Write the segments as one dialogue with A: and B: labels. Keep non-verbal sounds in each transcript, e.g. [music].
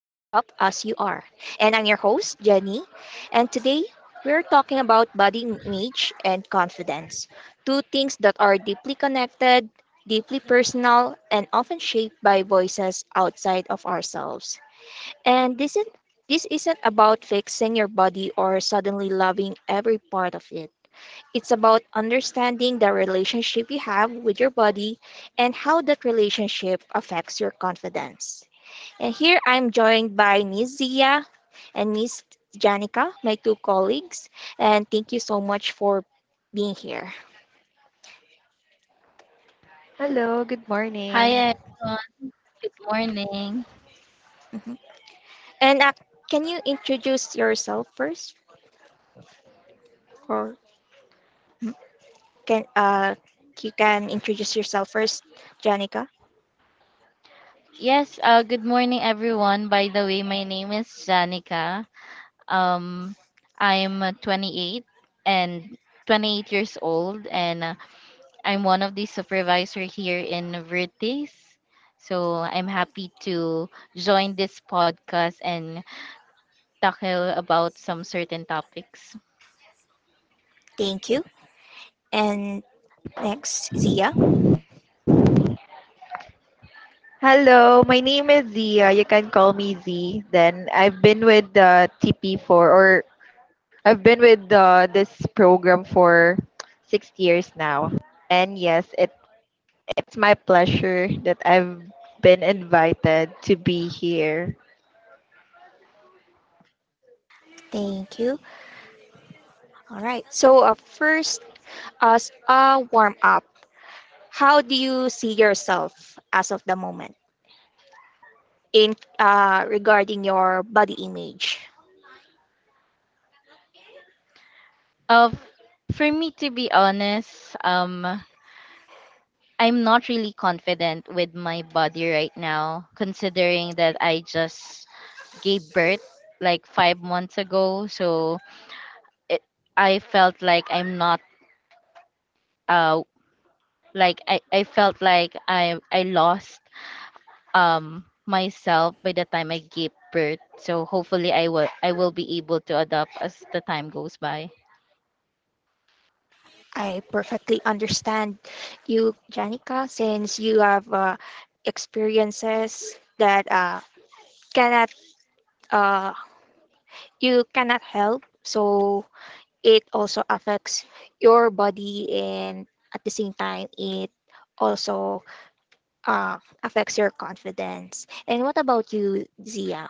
A: as you are. And I'm your host, Jenny, and today we're talking about body image and confidence, two things that are deeply connected, deeply personal, and often shaped by voices outside of ourselves. And this isn't about fixing your body or suddenly loving every part of it. It's about understanding the relationship you have with your body and how that relationship affects your confidence. And here I'm joined by Miss Zia and Miss Janica, my two colleagues, and thank you so much for being here.
B: Hello, good morning.
C: Hi everyone. Good morning.
A: Mhm. And can you introduce yourself first, or mm, can you can introduce yourself first, Janica?
C: Yes, Good morning everyone. By the way, my name is Janica. Um, I'm 28 and 28 years old, and I'm one of the supervisor here in Vertis. So I'm happy to join this podcast and talk about some certain topics.
A: Thank you. And next, Zia.
B: Hello, my name is Zia. You can call me Z. Then I've been with the tp for, or I've been with this program for 6 years now. And yes, it's my pleasure that I've been invited to be here.
A: Thank you. All right. So first, as a warm up, how do you see yourself as of the moment in regarding your body image?
C: Of for me to be honest, I'm not really confident with my body right now, considering that I just gave birth like 5 months ago. It, I felt like I'm not uh like I felt like I lost myself by the time I gave birth. So hopefully I will be able to adapt as the time goes by.
A: I perfectly understand you, Janica, since you have experiences that cannot uh, you cannot help. So it also affects your body, and at the same time it also affects your confidence. And what about you, Zia?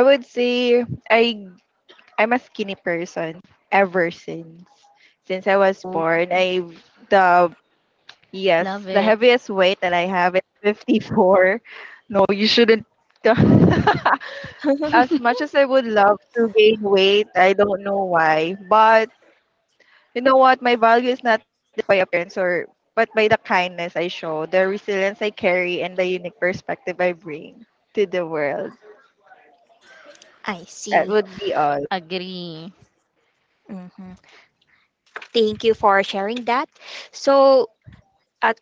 B: I would say I'm a skinny person ever since I was
A: Oh.
B: born. I have the yes
C: Love
B: the
C: it.
B: heaviest weight that I have is 54. We shouldn't. [laughs]
A: [laughs]
B: As
C: [laughs]
B: much as I would love to gain weight, I don't know why. But you know what? My value is not by appearance or but by the kindness I show, the resilience I carry, and the unique perspective I bring to the world.
A: I
B: That
A: see.
B: would be all.
C: Agree.
A: Hmm. Thank you for sharing that. So, at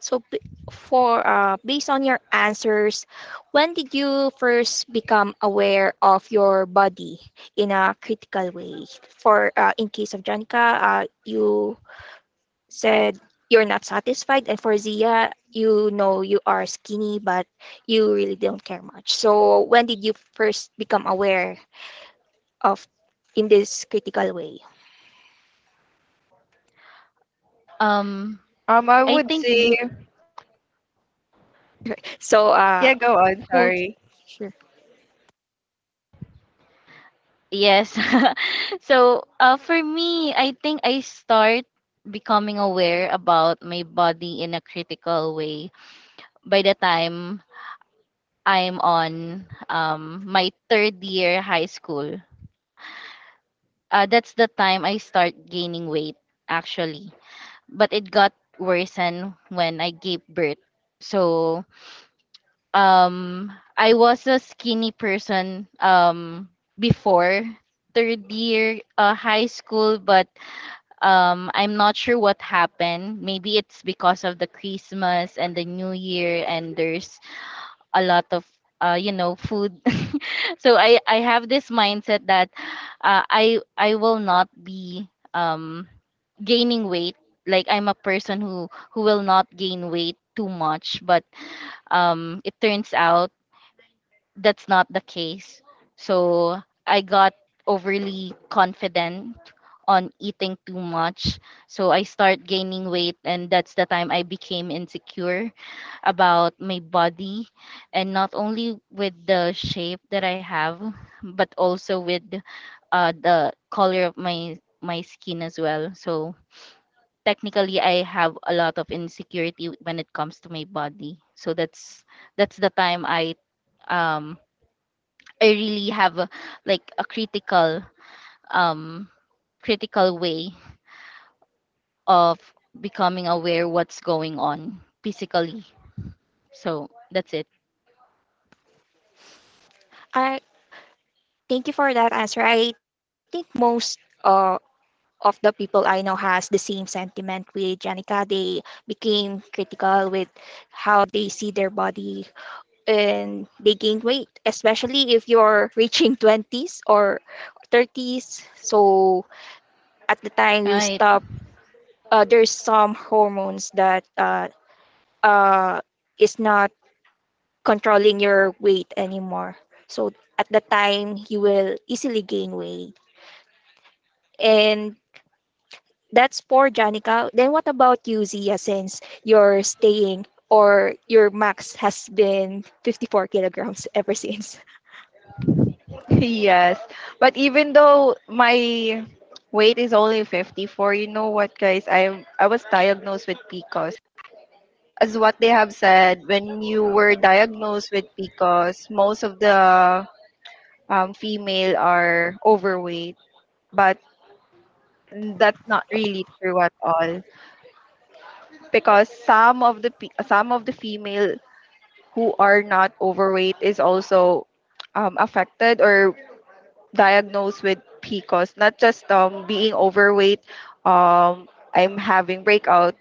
A: so b- for based on your answers, when did you first become aware of your body in a critical way? For in case of Janica, you said you're not satisfied, and for Zia, you know you are skinny, but you really don't care much. So when did you first become aware of in this critical way?
C: Um I
B: I
C: think
B: would say,
A: So uh,
B: yeah, go
A: who?
B: on. Sorry.
A: Sure.
C: Yes. [laughs] so, for me, I think I start becoming aware about my body in a critical way by the time I'm on my third year high school. That's the time I start gaining weight, actually. But it got worsened when I gave birth. So, um, I was a skinny person before third year high school, but I'm not sure what happened. Maybe it's because of the Christmas and the New Year, and there's a lot of, you know, food. [laughs] So I have this mindset that I will not be um gaining weight, like I'm a person who will not gain weight too much, but it turns out that's not the case. So I got overly confident on eating too much. So I start gaining weight, and that's the time I became insecure about my body, and not only with the shape that I have, but also with the color of my skin as well. So technically I have a lot of insecurity when it comes to my body. So that's the time I, um I really have a, like a critical, um critical way of becoming aware what's going on physically. So that's it.
A: I thank you for that answer. I think most of the people I know has the same sentiment with Janica. They became critical with how they see their body and they gain weight, especially if you're reaching 20s or 30s. So at the time you
C: Right.
A: stop, there's some hormones that uh, is not controlling your weight anymore. So at the time you will easily gain weight. And that's for Janica. Then what about you, Zia, since you're staying or your max has been 54 kilograms ever [laughs] since?
B: [laughs] Yes, but even though my weight is only 54, you know what, guys? I was diagnosed with PCOS. As what they have said, when you were diagnosed with PCOS, most of the female are overweight, but that's not really true at all because some of the some of the female who are not overweight is also affected or diagnosed with PCOS, not just being overweight. Um, I'm having breakout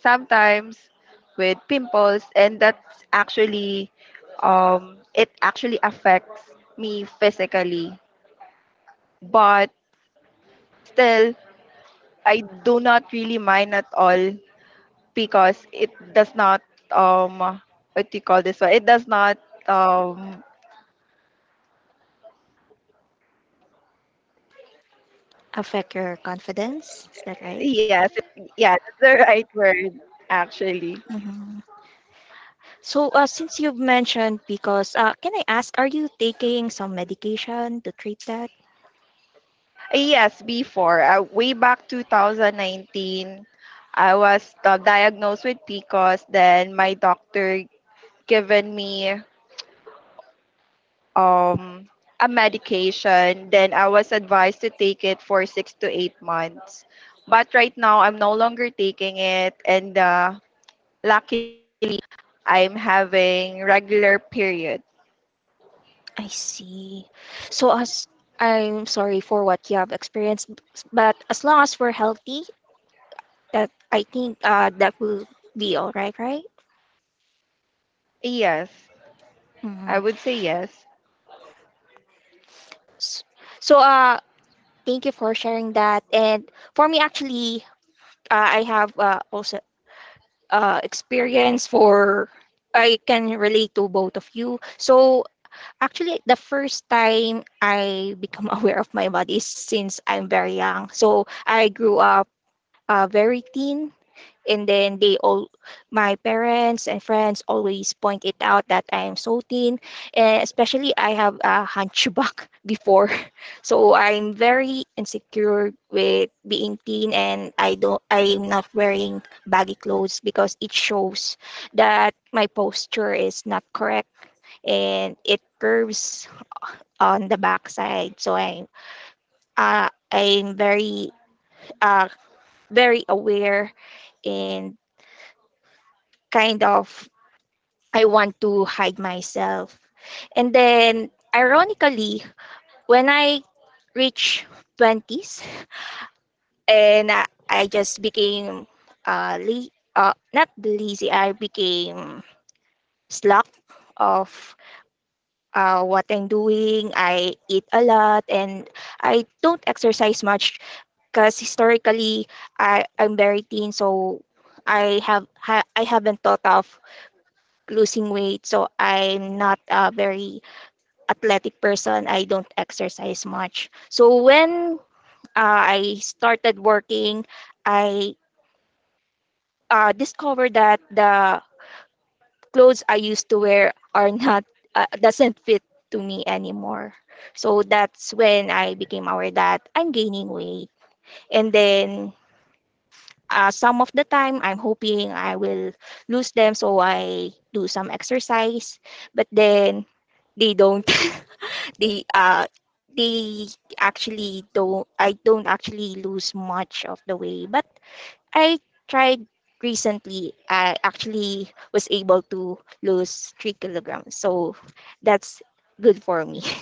B: sometimes with pimples, and that's actually it actually affects me physically, but still I do not really mind at all because it does not um what do you call this one, it does not um
A: Affect your confidence. Is that right?
B: yes yeah, that's the [laughs] right word actually.
A: Mhm. So, since you've mentioned because can I ask, are you taking some medication to treat that?
B: Yes, before way back 2019, I was diagnosed with PCOS. Then my doctor given me um, a medication. Then I was advised to take it for 6 to 8 months. But right now, I'm no longer taking it. And lucky, I'm having regular period.
A: I see. So, as I'm sorry for what you have experienced, but as long as we're healthy, that I think that will be all right, right?
B: Yes, I would
A: Mhm.
B: say yes.
A: S- So, thank you for sharing that. And for me, actually, I have also experience for I can relate to both of you. So, actually, the first time I become [laughs] aware of my body is since I'm very young. So I grew up very thin, and then my parents and friends always point it out that I am so thin, and especially I have a hunchback [laughs] before. So I'm very insecure with being thin, and I'm not wearing baggy clothes because it shows that my posture is not correct and it curves on the backside. I'm very uh, very aware, and kind of I want to hide myself. And then ironically, when I reached 20s, and I just became uh, le- not lazy, I became slack of what I'm doing. I eat a lot and I don't exercise much because historically I'm very thin, so I haven't thought of losing weight, so I'm not a very athletic person. I don't exercise much. So when I started working, I discovered that the clothes I used to wear are not doesn't fit to me anymore. So that's when I became aware that I'm gaining weight. And then some of the time I'm hoping I will lose them, so I do some exercise. But then they don't. [laughs] they uh they actually don't. I don't actually lose much of the way. But I tried recently. I actually was able to lose 3 kilograms, so that's good for me. [laughs]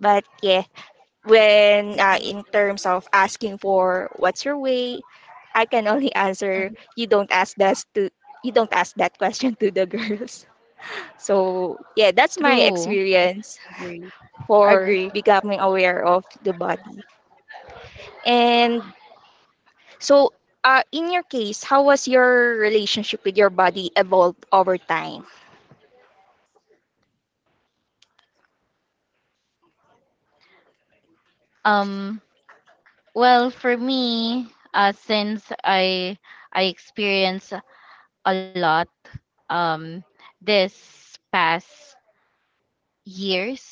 A: But yeah, when in terms of asking for what's your way, I can only [laughs] answer
B: Mhm.
A: you don't ask that question to the [laughs] girls. So yeah, that's my
C: True.
A: experience
B: Agree. Agree.
A: for becoming aware of the body. And so in your case, how was your relationship with your body evolved over time?
C: Um well for me, since I experience a lot, um this past years.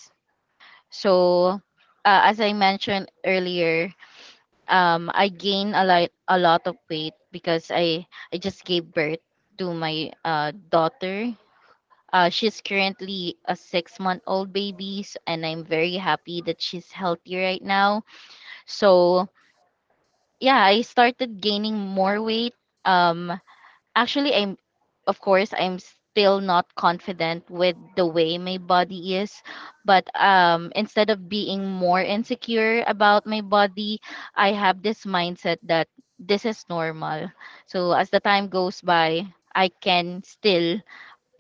C: So as I mentioned earlier, I gain a lot of weight because I just gave birth to my daughter. She's currently a 6 month old baby, and I'm very happy that she's healthy right now. So yeah, I started gaining more weight. Um, Actually, of course, I'm still not confident with the way my body is, but instead of being more insecure about my body, I have this mindset that this is normal. So as the time goes by, I can still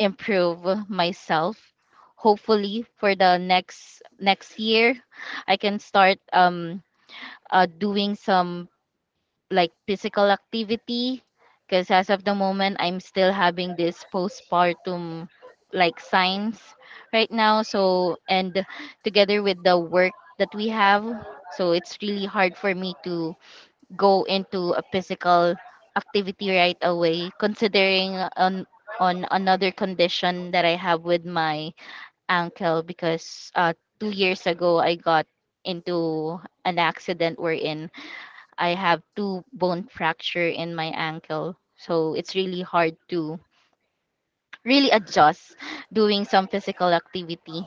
C: improve myself. Hopefully, for the next year, I can start doing some like physical activity, because as of the moment I'm still having this postpartum like signs right now. So, and together with the work that we have, so it's really hard for me to go into a physical activity right away, considering on another condition that I have with my ankle, because 2 years ago I got into an accident wherein I have two bone fracture in my ankle. So it's really hard to really adjust doing some physical activity.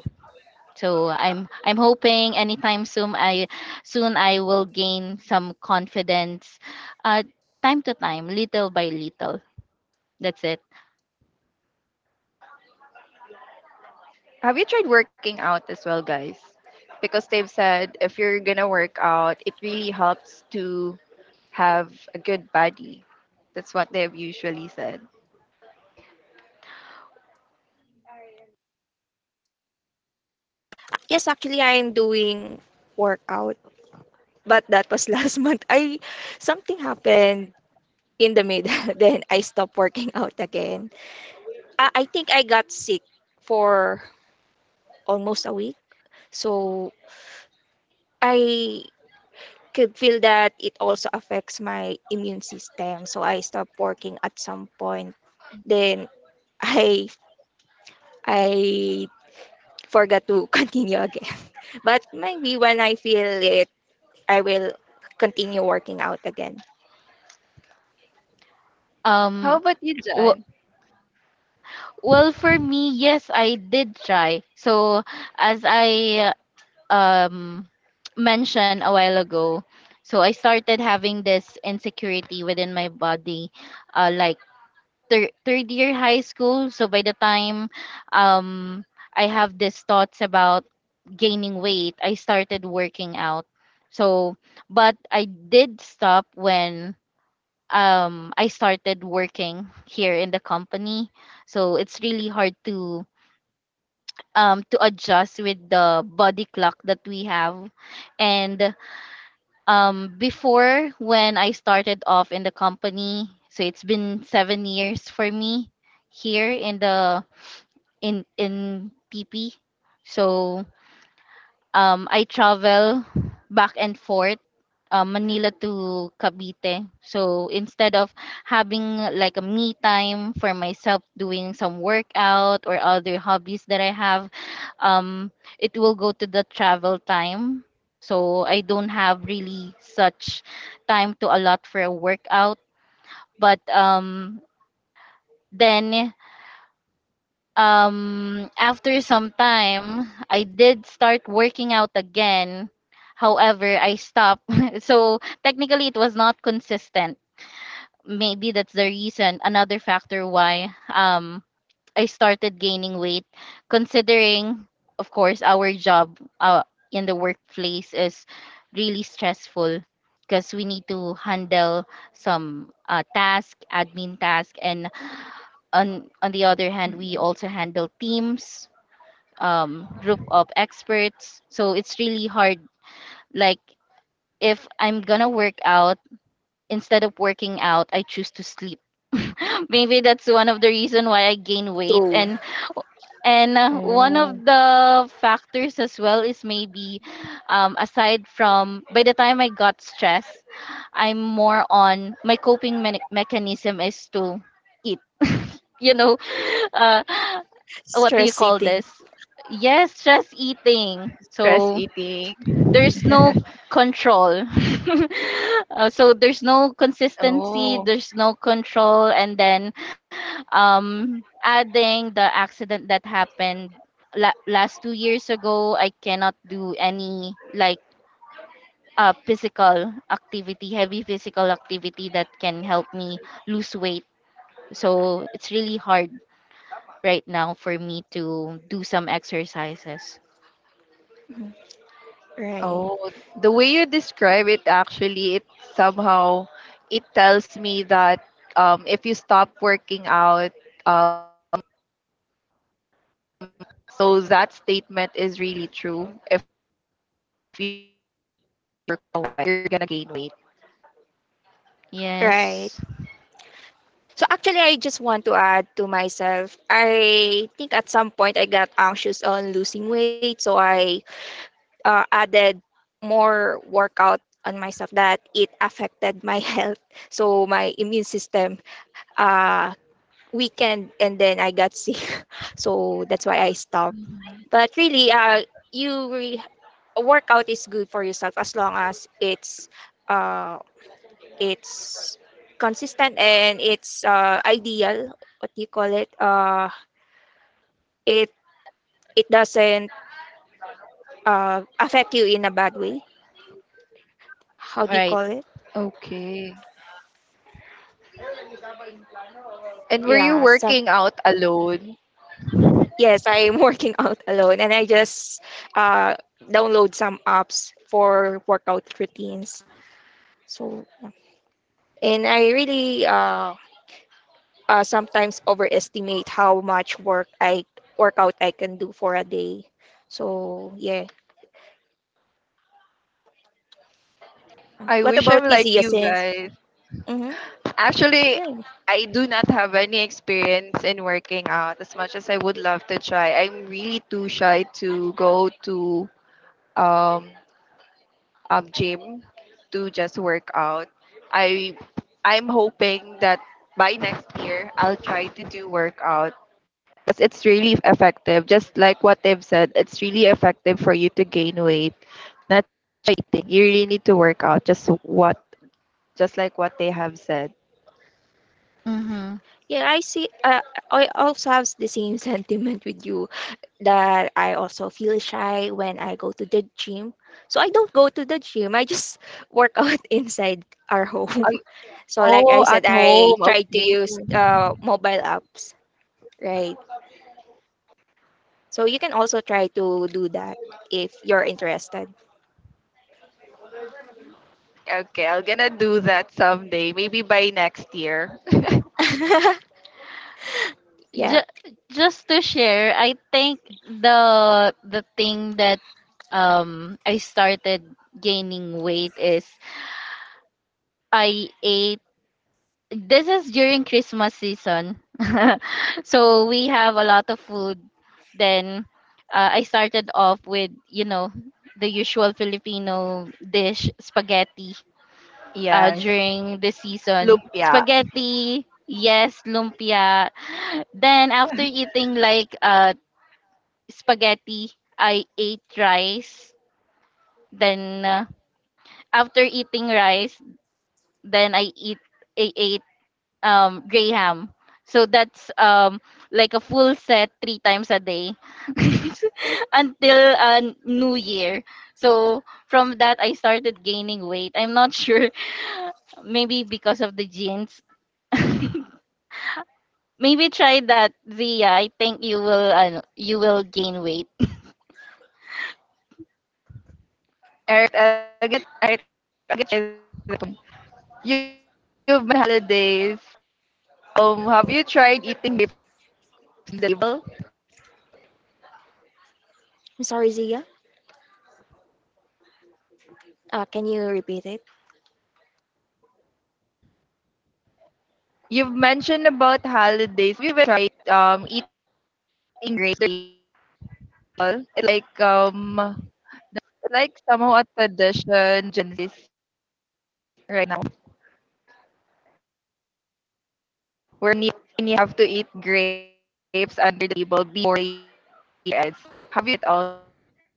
C: So I'm hoping anytime soon I will gain some confidence, uh time to time, little by little. That's it.
B: Have you tried working out as well, guys? Because they've said if you're gonna work out, it really helps to have a good body. That's what they've usually said.
A: Yes, actually I'm doing workout, but that was [laughs] last month. I something happened in the middle. [laughs] Then I stopped working [laughs] out again. I think I got sick for almost a week. So I could feel that it also affects my immune system. So I stopped working at some point. Then I I forgot to [laughs] continue again. But maybe when I feel it, I will continue working out again
C: Um
B: How about you?
C: w- well for me, yes, I did try. So as I, um, mentioned a while ago. So I started having this insecurity within my body, like third year high school. So by the time, um, I have these thoughts about gaining weight, I started working out. So, but I did stop when, I started working here in the company. So it's really hard to, to adjust with the body clock that we have, and before when I started off in the company, so it's been 7 years for me here in the in PP. So I travel back and forth, Manila to Cavite. So instead of having like a me time for myself doing some workout or other hobbies that I have, um, it will go to the travel time. So I don't have really such time to allot for a workout. But then after some time, I did start working out again. However, I stopped. [laughs] so technically, it was not consistent. Maybe that's the reason, another factor why, I started gaining weight, considering, of course, our job in the workplace is really stressful because we need to handle some admin task, and on the other hand, we
B: Mm.
C: also handle teams, group of experts. So it's really hard. Like if I'm gonna work out, instead of working out, I choose to sleep. [laughs] Maybe that's one of the reason why I gain weight,
A: through
C: and one
B: Oh.
C: of the factors as well is maybe, aside from by the time I got stressed, I'm more on my coping mechanism is to eat. You know, [laughs] uh, what do you
A: stress
C: call
A: eating.
C: this? Yes, stress eating.
B: Stress
C: So
B: eating.
C: there's no
B: [laughs]
C: control. [laughs] So there's no
B: Oh,
C: consistency, there's no control, and then, adding the accident that happened last 2 years ago, I cannot do any like heavy physical activity that can help me lose weight. So it's really hard right now for me to do some exercises.
A: Mhm. Right.
B: oh, the way you describe it actually, it somehow it tells me that if you stop working out, uh, so that statement is really true. If you work out, you're getting it.
A: Right.
C: Yes,
A: So actually, I just want to add to myself. I think at some point I got anxious on losing weight, so I added more workout on myself that it affected my [laughs] health. So my immune system uh, weakened, and then I got sick. [laughs] So that's why I stopped. But really, you re- workout is good for yourself as long as it's uh, it's consistent and it's ideal, what do you call it, it it doesn't affect you in a bad way, how do you Right.
C: right.
A: call it.
B: Okay. And were you
A: yeah some
B: working out alone?
A: yes I'm [laughs] working out alone, and I just uh download some apps for workout routines, so yeah. And I really sometimes overestimate how much workout I can do for a day, so yeah.
B: I
A: What
B: wish
A: about
B: I'm
A: you,
B: like
A: Zia,
B: you
A: since
B: guys.
A: mm-hmm.
B: Actually,
A: Yeah.
B: I do not have any experience in working out as much as I would love to try. I'm really too shy to go to um, gym to just work out. I I'm hoping that by next year I'll try to do workout because it's really effective. Just like what they've said, it's really effective for you to gain weight. Nothing. You really need to work out. Just what just like what they have said.
C: Mm-hmm.
A: Yeah, I see. I also have the same [laughs] sentiment with you that I also feel shy when I go to the gym. So I don't go to the gym. I just [laughs] work out inside our home. [laughs]
B: Ay,
A: So like I
B: oh,
A: said,
B: at
A: I
B: home.
A: try to
B: Okay.
A: use mobile apps, right? So you can also try to do that if you're interested.
B: Okay, I'm gonna do that someday. Maybe by next year.
A: [laughs] Yeah.
C: Ju- just to share, I think the thing that, I started gaining weight is I ate this is during Christmas season. [laughs] so we have a lot of food. Then I started off with, you know, the usual Filipino dish, spaghetti,
B: [laughs] Yes.
C: during the season.
B: Lumpia.
C: Spaghetti, yes, lumpia. Then after eating like spaghetti, I ate rice. Then after eating rice, then I ate gray ham. So that's like a full set three times a day [laughs] until New Year. So from that I started gaining weight. I'm not sure, [laughs] maybe because of the genes. [laughs] maybe try that, Zia. I think you will, you will gain weight.
B: And ag- right, again, you you mentioned holidays. Have you tried eating table?
A: I'm sorry, Zia. Can you repeat it?
B: You've mentioned about holidays. Have you tried eating table? It's like somehow a tradition in this right now where you have to eat grapes at table. Have you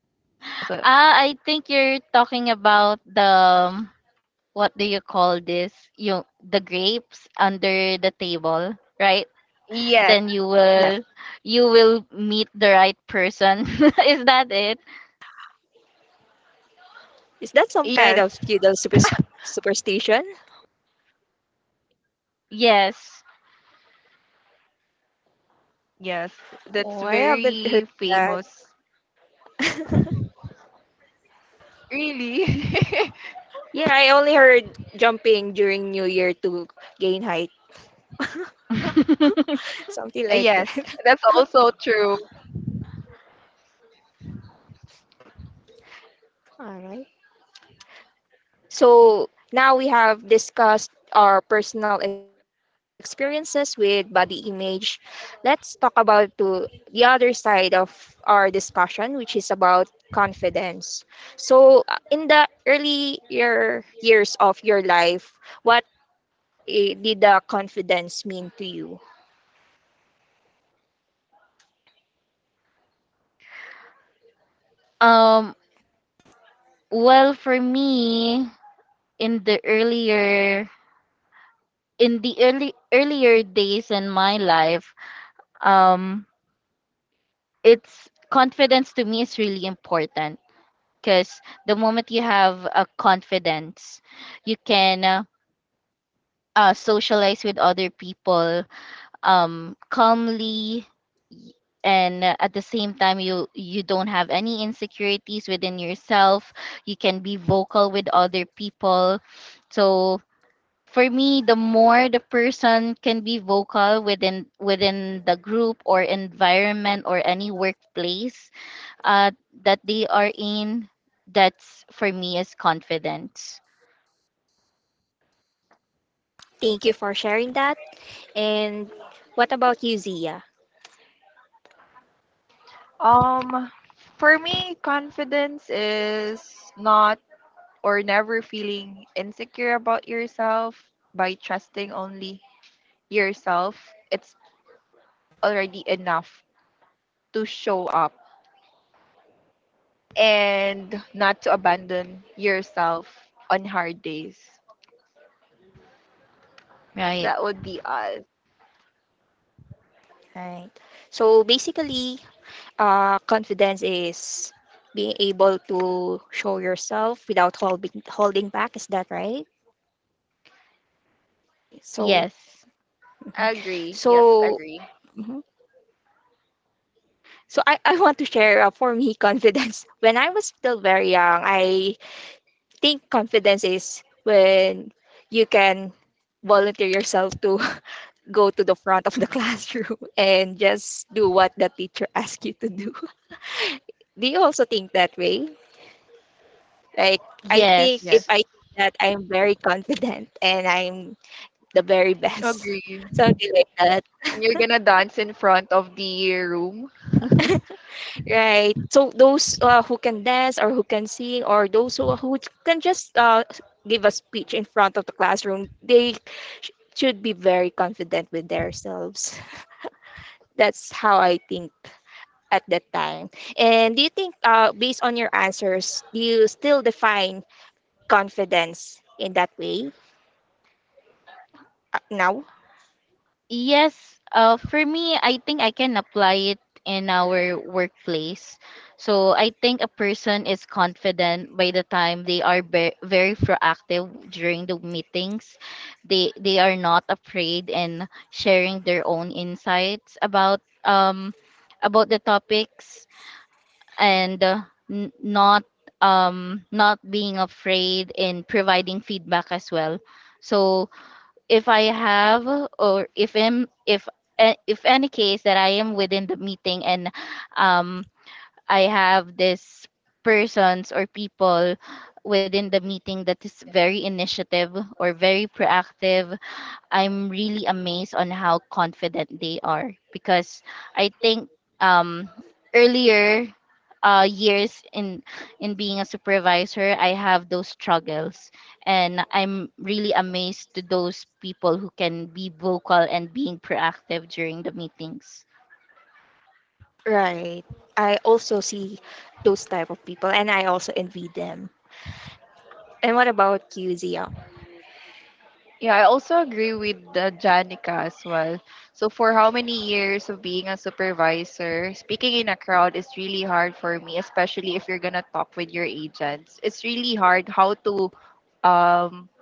B: eat all?
C: Ah, I think you're talking about the, what do you call this? You The grapes under the table, right? Then
B: Yes.
C: you will meet the right person. [laughs] Is that it?
A: Is that some kind of
B: Yes.
A: feudal super superstition?
C: Yes.
B: Yes,
A: Oh, I
B: that's
A: haven't heard
B: very
A: that.
B: famous.
A: [laughs]
B: Really? [laughs]
A: Yeah, I only heard jumping during New Year to gain height. [laughs]
C: [laughs]
A: Something like
B: Yes,
A: that.
B: that's
A: [laughs]
B: also true.
A: All right. So now we have discussed our personal experiences with body image. Let's talk about to the other side of our discussion, which is about confidence. So in the earlier years of your life, what did the confidence mean to you?
C: um well for me, in the earlier in the early earlier days in my life, um it's confidence to me is really important because the moment you have a confidence, you can, socialize with other people, calmly, y- and at the same time you don't have any insecurities within yourself. You can be vocal with other people. So for me, the more the person can be vocal within the group or environment or any workplace uh, that they are in, that's for me is confidence.
A: Thank you for sharing that. And what about you, Zia?
B: Um, for me, confidence is not or never feeling insecure about yourself by trusting only yourself. It's already enough to show up and not to abandon yourself on hard days.
C: Right.
B: That would be all.
A: Right. So basically, confidence is being able to show yourself without holding back. Is that right? So,
C: Yes.
A: mhm.
B: Agree. Yes,
A: So
B: agree.
A: mhm. So I want to share for me confidence. [laughs] When I was still very young, I think confidence is when you can volunteer yourself to go to the front of the [laughs] classroom and just do what the teacher [laughs] asks you to do. [laughs] Do you also think that way? Like, I think
B: Yes,
A: if
C: Yes.
A: I do that, I'm very confident [laughs] and I'm the very best.
B: agree.
A: [laughs] Something like that,
B: And you're gonna dance in front of the room.
A: right? So those who can dance or who can sing or those who can just give a speech in front of the classroom, they should be very confident with themselves. [laughs] That's how I think at that time? And do you think, based on your answers, do you still define confidence in that way now?
C: Yes. For me, I think I can apply it in our workplace. So I think a person is confident by the time they are very proactive during the meetings. They are not afraid in sharing their own insights about, um about the topics, and not, not being afraid in providing feedback as well. So if I have or if am if a- if any case that I am within the meeting, and um I have this persons or people within the meeting that is very initiative or very proactive, I'm really amazed on how confident they are, because I think, um, earlier years in being a supervisor, I have those struggles, and I'm really amazed to those people who can be vocal and being proactive during the meetings.
A: Right. I also see those type of people, and I also envy them. And what about you, Zia?
B: Yeah, I also agree with the Janica as well. So for how many years of being a supervisor, speaking in a crowd is really hard for me, especially if you're gonna talk with your agents. It's really hard how to um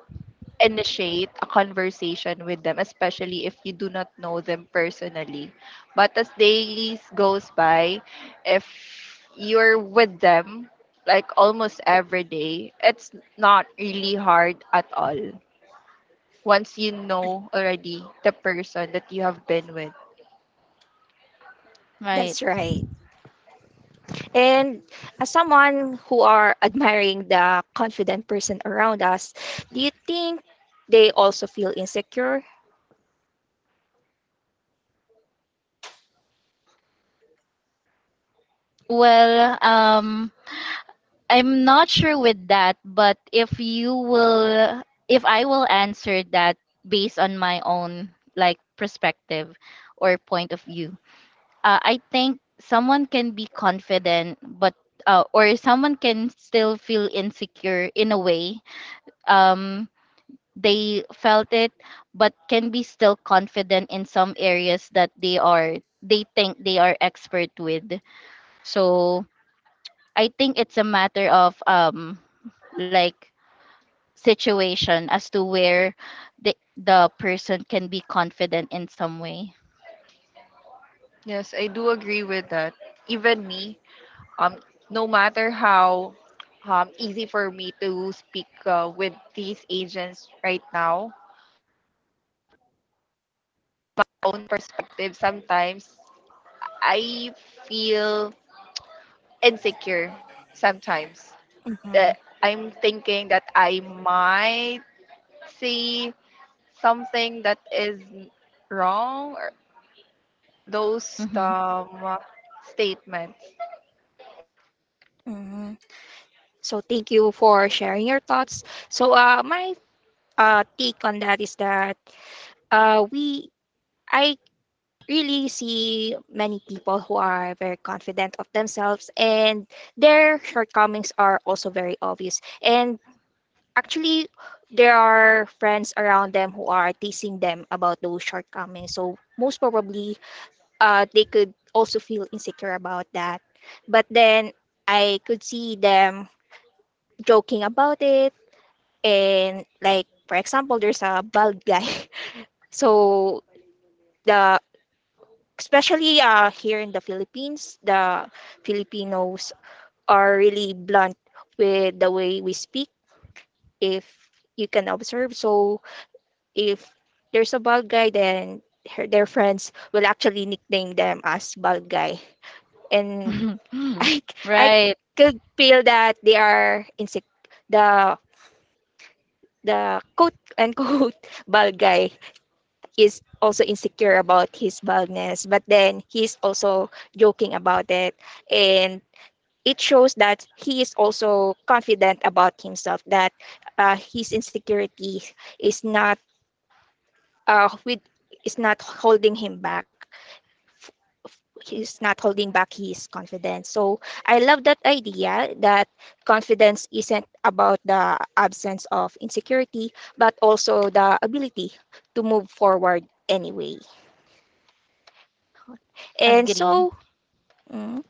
B: initiate a conversation with them, especially if you do not know them personally. But as days goes by, if you're with them like almost every day, it's not really hard at all. Once you know already the person that you have been with.
C: Right.
A: That's right. And as someone who are [laughs] admiring the confident person around us, do you think they also feel insecure?
C: Well, I'm not sure with that, but if I will answer that based on my own, like, perspective or point of view, I think someone can be confident, but, or someone can still feel insecure in a way. Um, they felt it, but can be still confident in some areas that they think they are expert with. So I think it's a matter of, like, situation as to where the person can be confident in some way.
B: Yes, I do agree with that. Even me, um, no matter how easy for me to speak with these agents right now, perspective, sometimes I feel insecure sometimes
A: Mhm.
B: that I'm thinking that I might see something that is wrong or those
C: Mm-hmm.
B: statements.
A: Mhm. So thank you for sharing your thoughts. So my take on that is that we I really see many people who are very confident of themselves, and their shortcomings are also very obvious, and actually there are friends around them who are teasing them about those shortcomings, so most probably they could also feel insecure about that. But then I could see them joking about it, and like for example there's a bald guy. [laughs] So the especially here in the Philippines, the Filipinos are really blunt with the way we speak. If you can observe, so if there's a bald guy, then their friends will actually nickname them as bald guy, and [laughs] I
C: [laughs]
A: I
C: right.
A: could feel that they are insect the the quote unquote [laughs] bald guy, he's also insecure about his baldness, but then he's also joking about it. And it shows that he is also confident about himself, that his insecurity is not with is not holding him back. He's not holding back his confidence. So I love that idea that confidence isn't about the absence of insecurity, but also the ability to move forward anyway. And
C: Agree.
A: so. Mm.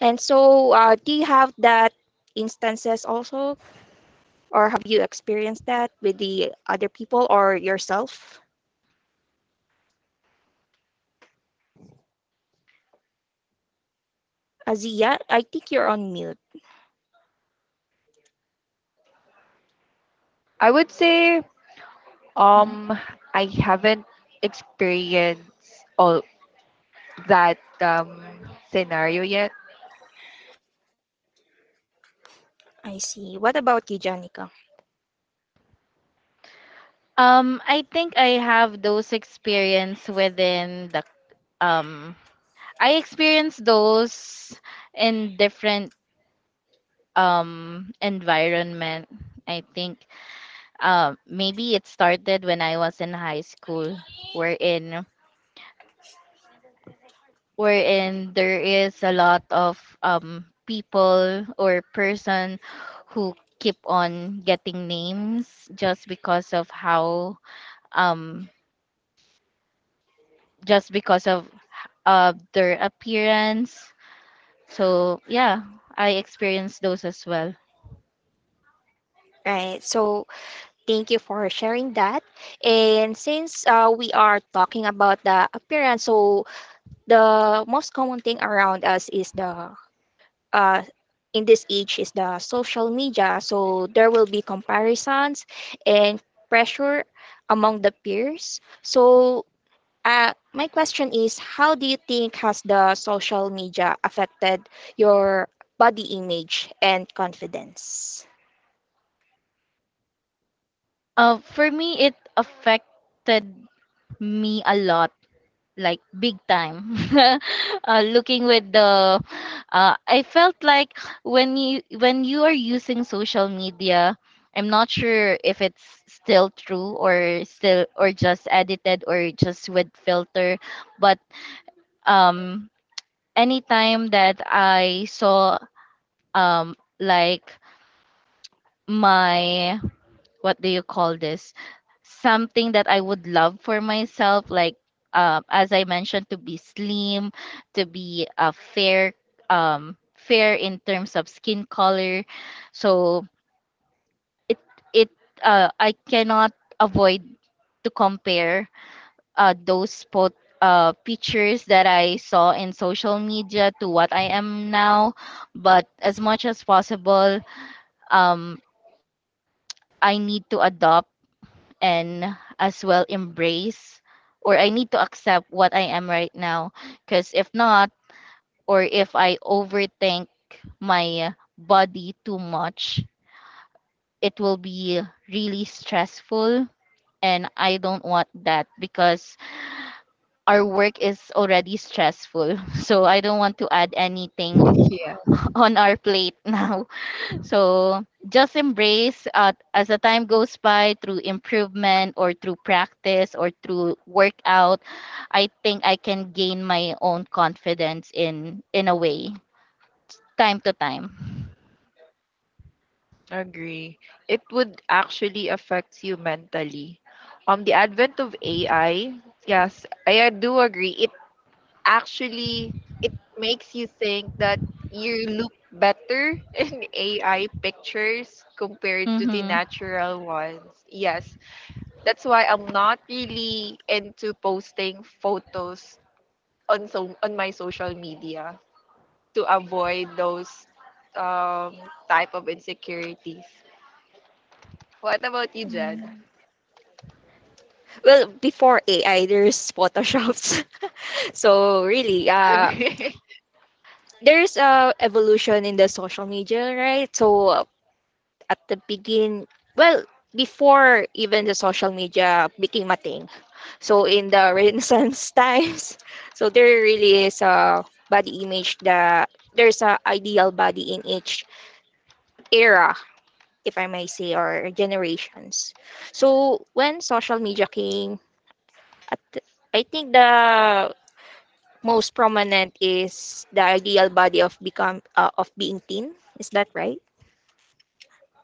A: And so, do you have that instances also, or have you experienced that with the other people or yourself? Azia, I think you're on mute.
B: I would say
A: Mhm.
B: um I haven't experienced all that scenario yet.
A: I see. What about you, Janica?
C: I think I have those experience within the, um I experienced those in different environment. I think maybe it started when I was in high school wherein wherein there is a lot of people or person who keep on getting names just because of how um just because of their appearance. So yeah, I experienced those as well.
A: Right. So, thank you for sharing that. And since we are talking about the appearance, so the most common thing around us is the uh, in this age is the social media. So there will be comparisons and pressure among the peers. So my question is, how do you think has the social media affected your body image and confidence?
C: For me, it affected me a lot, like big time. [laughs] Looking with the I felt like when you are using social media, I'm not sure if it's still true or still or just edited or just with filter, but um anytime that I saw like my, what do you call this, something that I would love for myself, like as I mentioned, to be slim, to be fair, fair in terms of skin color. So it it I cannot avoid to compare those pot. Pictures that I saw in social media to what I am now. But as much as possible, um, I need to adopt and as well embrace, or I need to accept what I am right now, because if not, or if I overthink my body too much, it will be really stressful, and I don't want that because our work is already stressful. [laughs] So I don't want to add anything
B: Yeah.
C: on our plate. [laughs] Now, so just embrace, as the time goes by, through improvement or through practice or through workout, I think I can gain my own confidence in a way, time to time.
B: Agree. It would actually affect you mentally. The advent of AI, yes, I do agree. It actually it makes you think that you look better [laughs] in AI pictures compared to the
C: Mm-hmm.
B: natural ones. Yes, that's why I'm not really into posting photos on so on my social media to avoid those um, type of insecurities. What about you, Jan?
A: Mm. Well, before AI there's photoshops [laughs] so really
B: Agree.
A: there's a evolution in the social media, right? So at the- begin well before even the social media became a thing so in the [laughs] renaissance times so there really is a body image that there's a ideal body in each era if I may say or generations so when social media came at the- I think the most prominent is the ideal body of become of being thin. Is that right?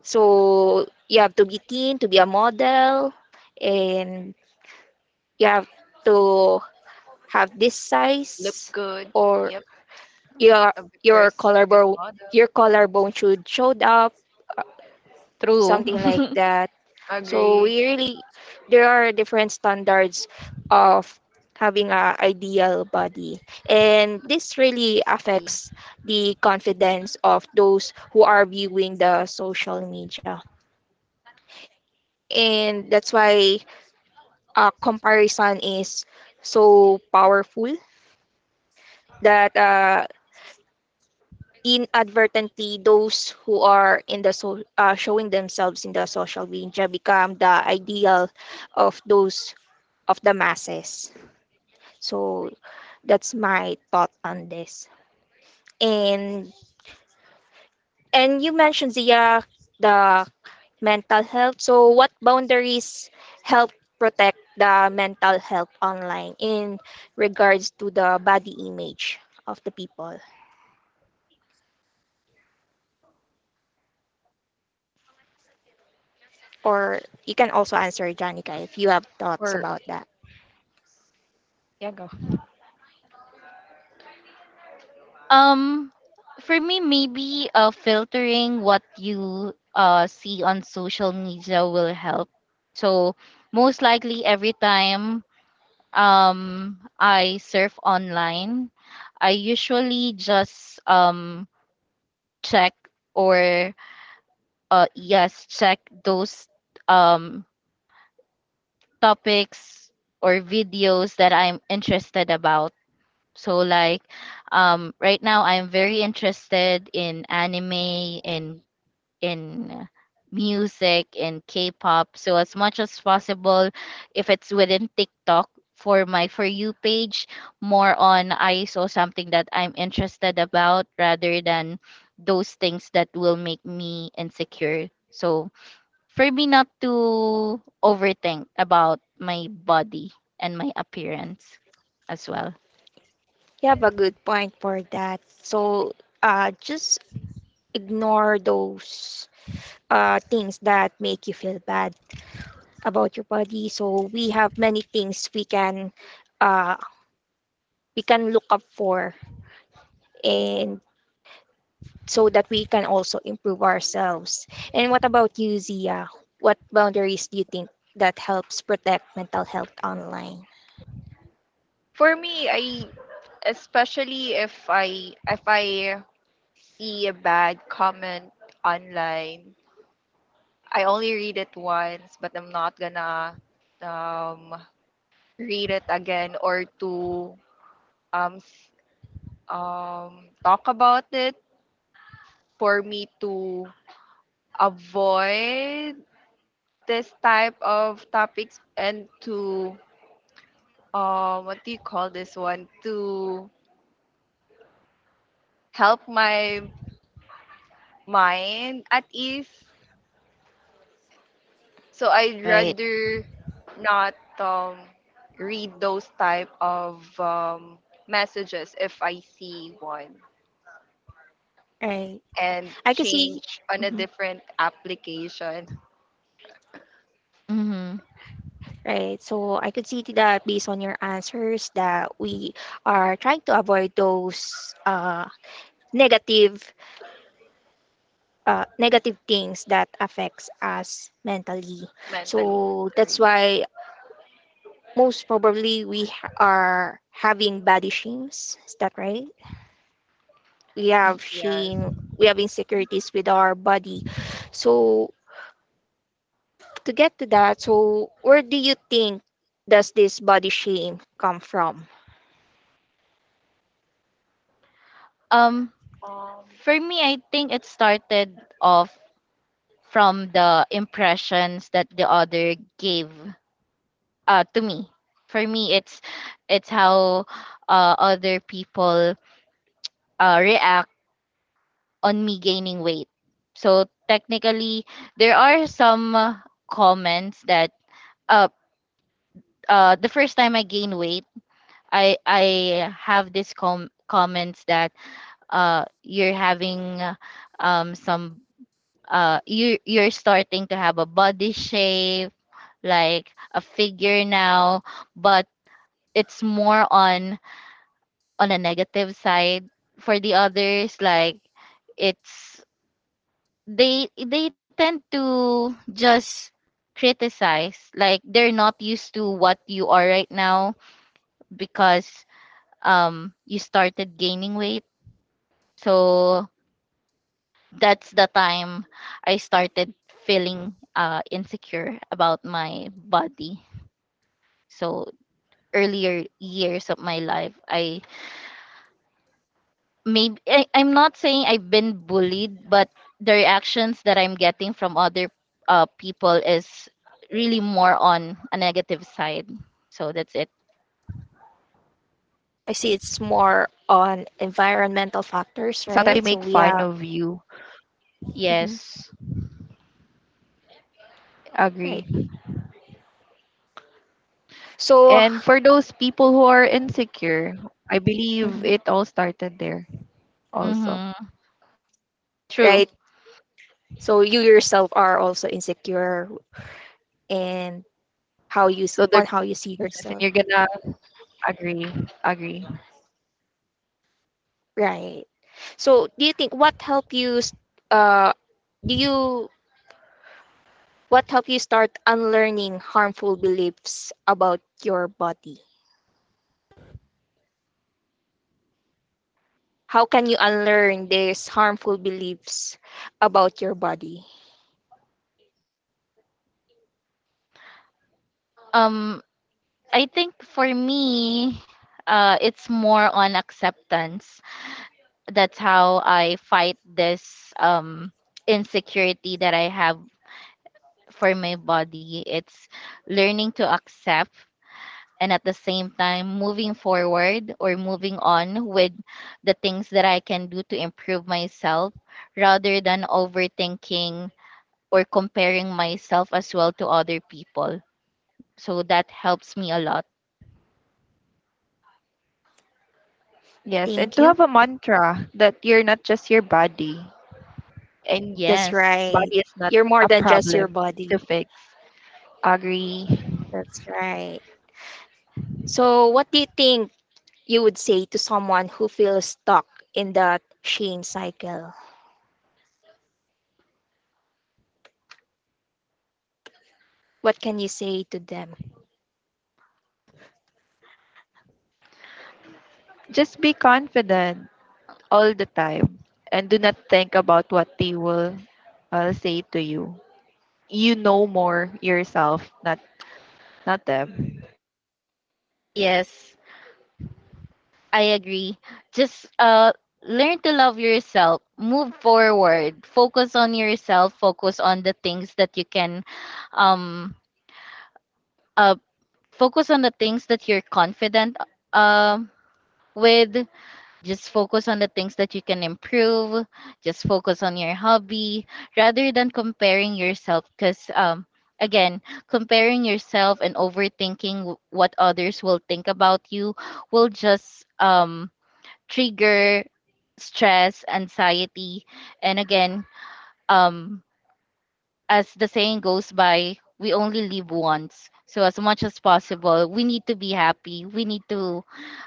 A: So you have to be thin to be a model, and you have to have this
B: [laughs]
A: size,
B: Look good.
A: or
B: Yep,
A: your
B: a
A: your
B: Victoria's
A: collarbone
B: Secret
A: your
B: model.
A: collarbone should showed up,
C: True.
A: something like
C: [laughs]
A: that. So we
B: Agree.
A: really there are different standards of having a ideal body, and this really affects the confidence of those who are viewing the social media. And that's why comparison is so powerful that inadvertently those who are in the showing themselves in the social media become the ideal of those of the masses. So that's my thought on this. And and you mentioned Zia the mental health. So what boundaries help protect the mental health online in regards to the body image of the people, or you can also answer Janica if you have thoughts about
B: For
A: that.
B: yeah, go.
C: um, for me, maybe filtering what you see on social media will help. So most likely, every time I surf online, I usually just check or yes, check those um, topics or videos that I'm interested about. So like right now I'm very interested in anime, in in music, in K-pop. So as much as possible, if it's within TikTok for my For You page, more on I saw something that I'm interested about rather than those things that will make me insecure. So for me not to overthink about my body and my appearance as well.
A: You have a good point for that. So just ignore those things that make you feel bad about your body. So we have many things uh, we can look up for and so that we can also improve ourselves. And what about you, Zia? What boundaries do you think that helps protect mental health online?
B: For me, I especially if I see a bad comment online, I only read it once, but I'm not gonna um read it again or to um s- talk about it for me to avoid this type of topics and to what do you call this one, to help my mind at ease, so I'd
C: Right.
B: rather not read those type of messages if I see one
A: Right.
B: and
A: I could see.
B: change on a
A: Mhm.
B: different application.
C: Mm-hmm.
A: Right. So I could see that based on your answers that we are trying to avoid those negative negative things that affects us mentally.
B: [laughs] Mentally.
A: So that's
B: Sorry.
A: why most probably we ha- are having body shames. Is that right? We have
B: Yes.
A: shame. We have insecurities with our body. So to get to that, so where do you think does this body shame come from?
C: Um,
B: um
C: for me, I think it started off from the impressions that the other gave to me. For me, it's it's how other people react on me gaining weight. So technically, there are some comments that uh, the first time I gain weight, I have this comments that you're having some you you're starting to have a body shape like a figure now, but it's more on a negative side for the others, like it's, they tend to just criticize, like they're not used to what you are right now because you started gaining weight. So that's the time I started feeling insecure about my body. So earlier years of my life, I, maybe I'm not saying I've been bullied, but the reactions that I'm getting from other people is really more on a negative side. So that's it.
A: I see, it's more on environmental
B: Sometimes they make
A: factors,
B: fun
A: right?
B: of
A: So we
B: you.
A: are. Mhm.
C: Yes.
B: Agree.
A: Right.
B: And for those people
A: So,
B: who are insecure, I believe it all started there
A: mhm,
B: also.
C: Mm-hmm.
A: right.
C: True.
A: So you yourself are also insecure and
B: So the
A: how you s- on
B: yes,
A: how
B: and
A: you
B: you're
A: see
B: gonna
A: yourself,
B: agree, agree.
A: right? So do you think what helped you, s- uh, do you what helped you start unlearning harmful beliefs about your body? How can you unlearn these harmful beliefs about your body?
C: Um, I think for me, it's more on acceptance. That's how I fight this insecurity that I have for my body. It's learning to accept, and at the same time moving forward or moving on with the things that I can do to improve myself, rather than overthinking or comparing myself as well to other people. So that helps me a lot.
B: Yes, and to
A: Thank
B: have a
A: you.
B: mantra that you're not just your body, and
A: That's
C: Yes.
A: right.
B: body is not
A: You're
B: a
A: more than just
B: problem
A: your body.
B: to fix. Agree.
A: That's right. So, what do you think you would say to someone who feels stuck in that shame cycle? What can you say to them?
B: Just be confident all the time, and do not think about what they will say to you. You know more yourself, not not them.
C: Yes, I agree. Just learn to love yourself. Move forward. Focus on yourself. Focus on the things that you can um uh focus on the things that you're confident um with. Just focus on the things that you can improve. Just focus on your hobby rather than comparing yourself. Because, again, comparing yourself and overthinking what others will think about you will just trigger stress, anxiety. And again, um, as the saying goes by, we only live once. So as much as possible, we need to be happy. We need to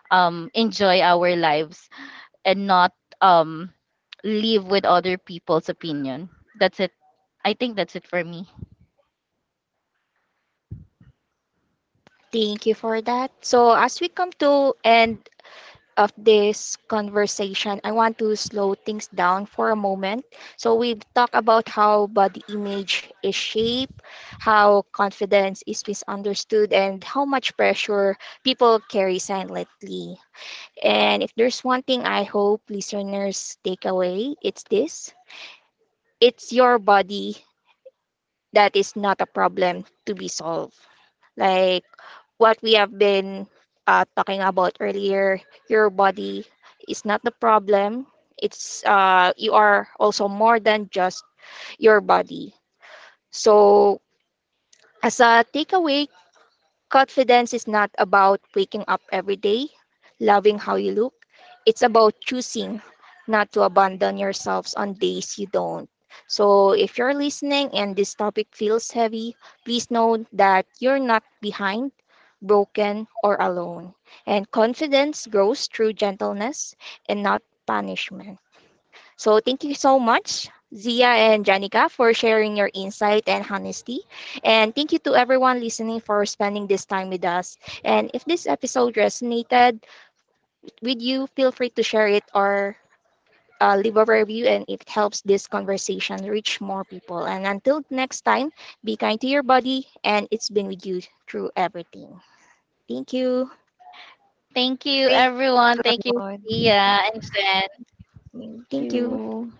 C: enjoy our lives and not um live with other people's opinion. That's it. I think that's it for me.
A: Thank you for that. So, as we come to end of this conversation, I want to slow things down for a moment. So, we've talked about how body image is shaped, how confidence is misunderstood, and how much pressure people carry silently. And if there's one thing I hope listeners take away, it's this, it's your body that is not a problem to be solved. Like what we have been talking about earlier, your body is not the problem. It's you are also more than just your body. So as a takeaway, confidence is not about waking up every day, loving how you look. It's about choosing not to abandon yourselves on days you don't. So, if you're listening and this topic feels heavy, please know that you're not behind, broken, or alone. And confidence grows through gentleness and not punishment. So thank you so much, Zia and Janica, for sharing your insight and honesty. And thank you to everyone listening for spending this time with us. And if this episode resonated with you, feel free to share it or leave a review and it helps this conversation reach more people. And until next time, be kind to your body and it's been with you through everything. Thank you.
C: Thank you,
B: Thank
C: everyone. Thank you,
B: you.
C: Sia
B: Mon.
C: and Jen.
B: Thank
A: Thank you.
B: you.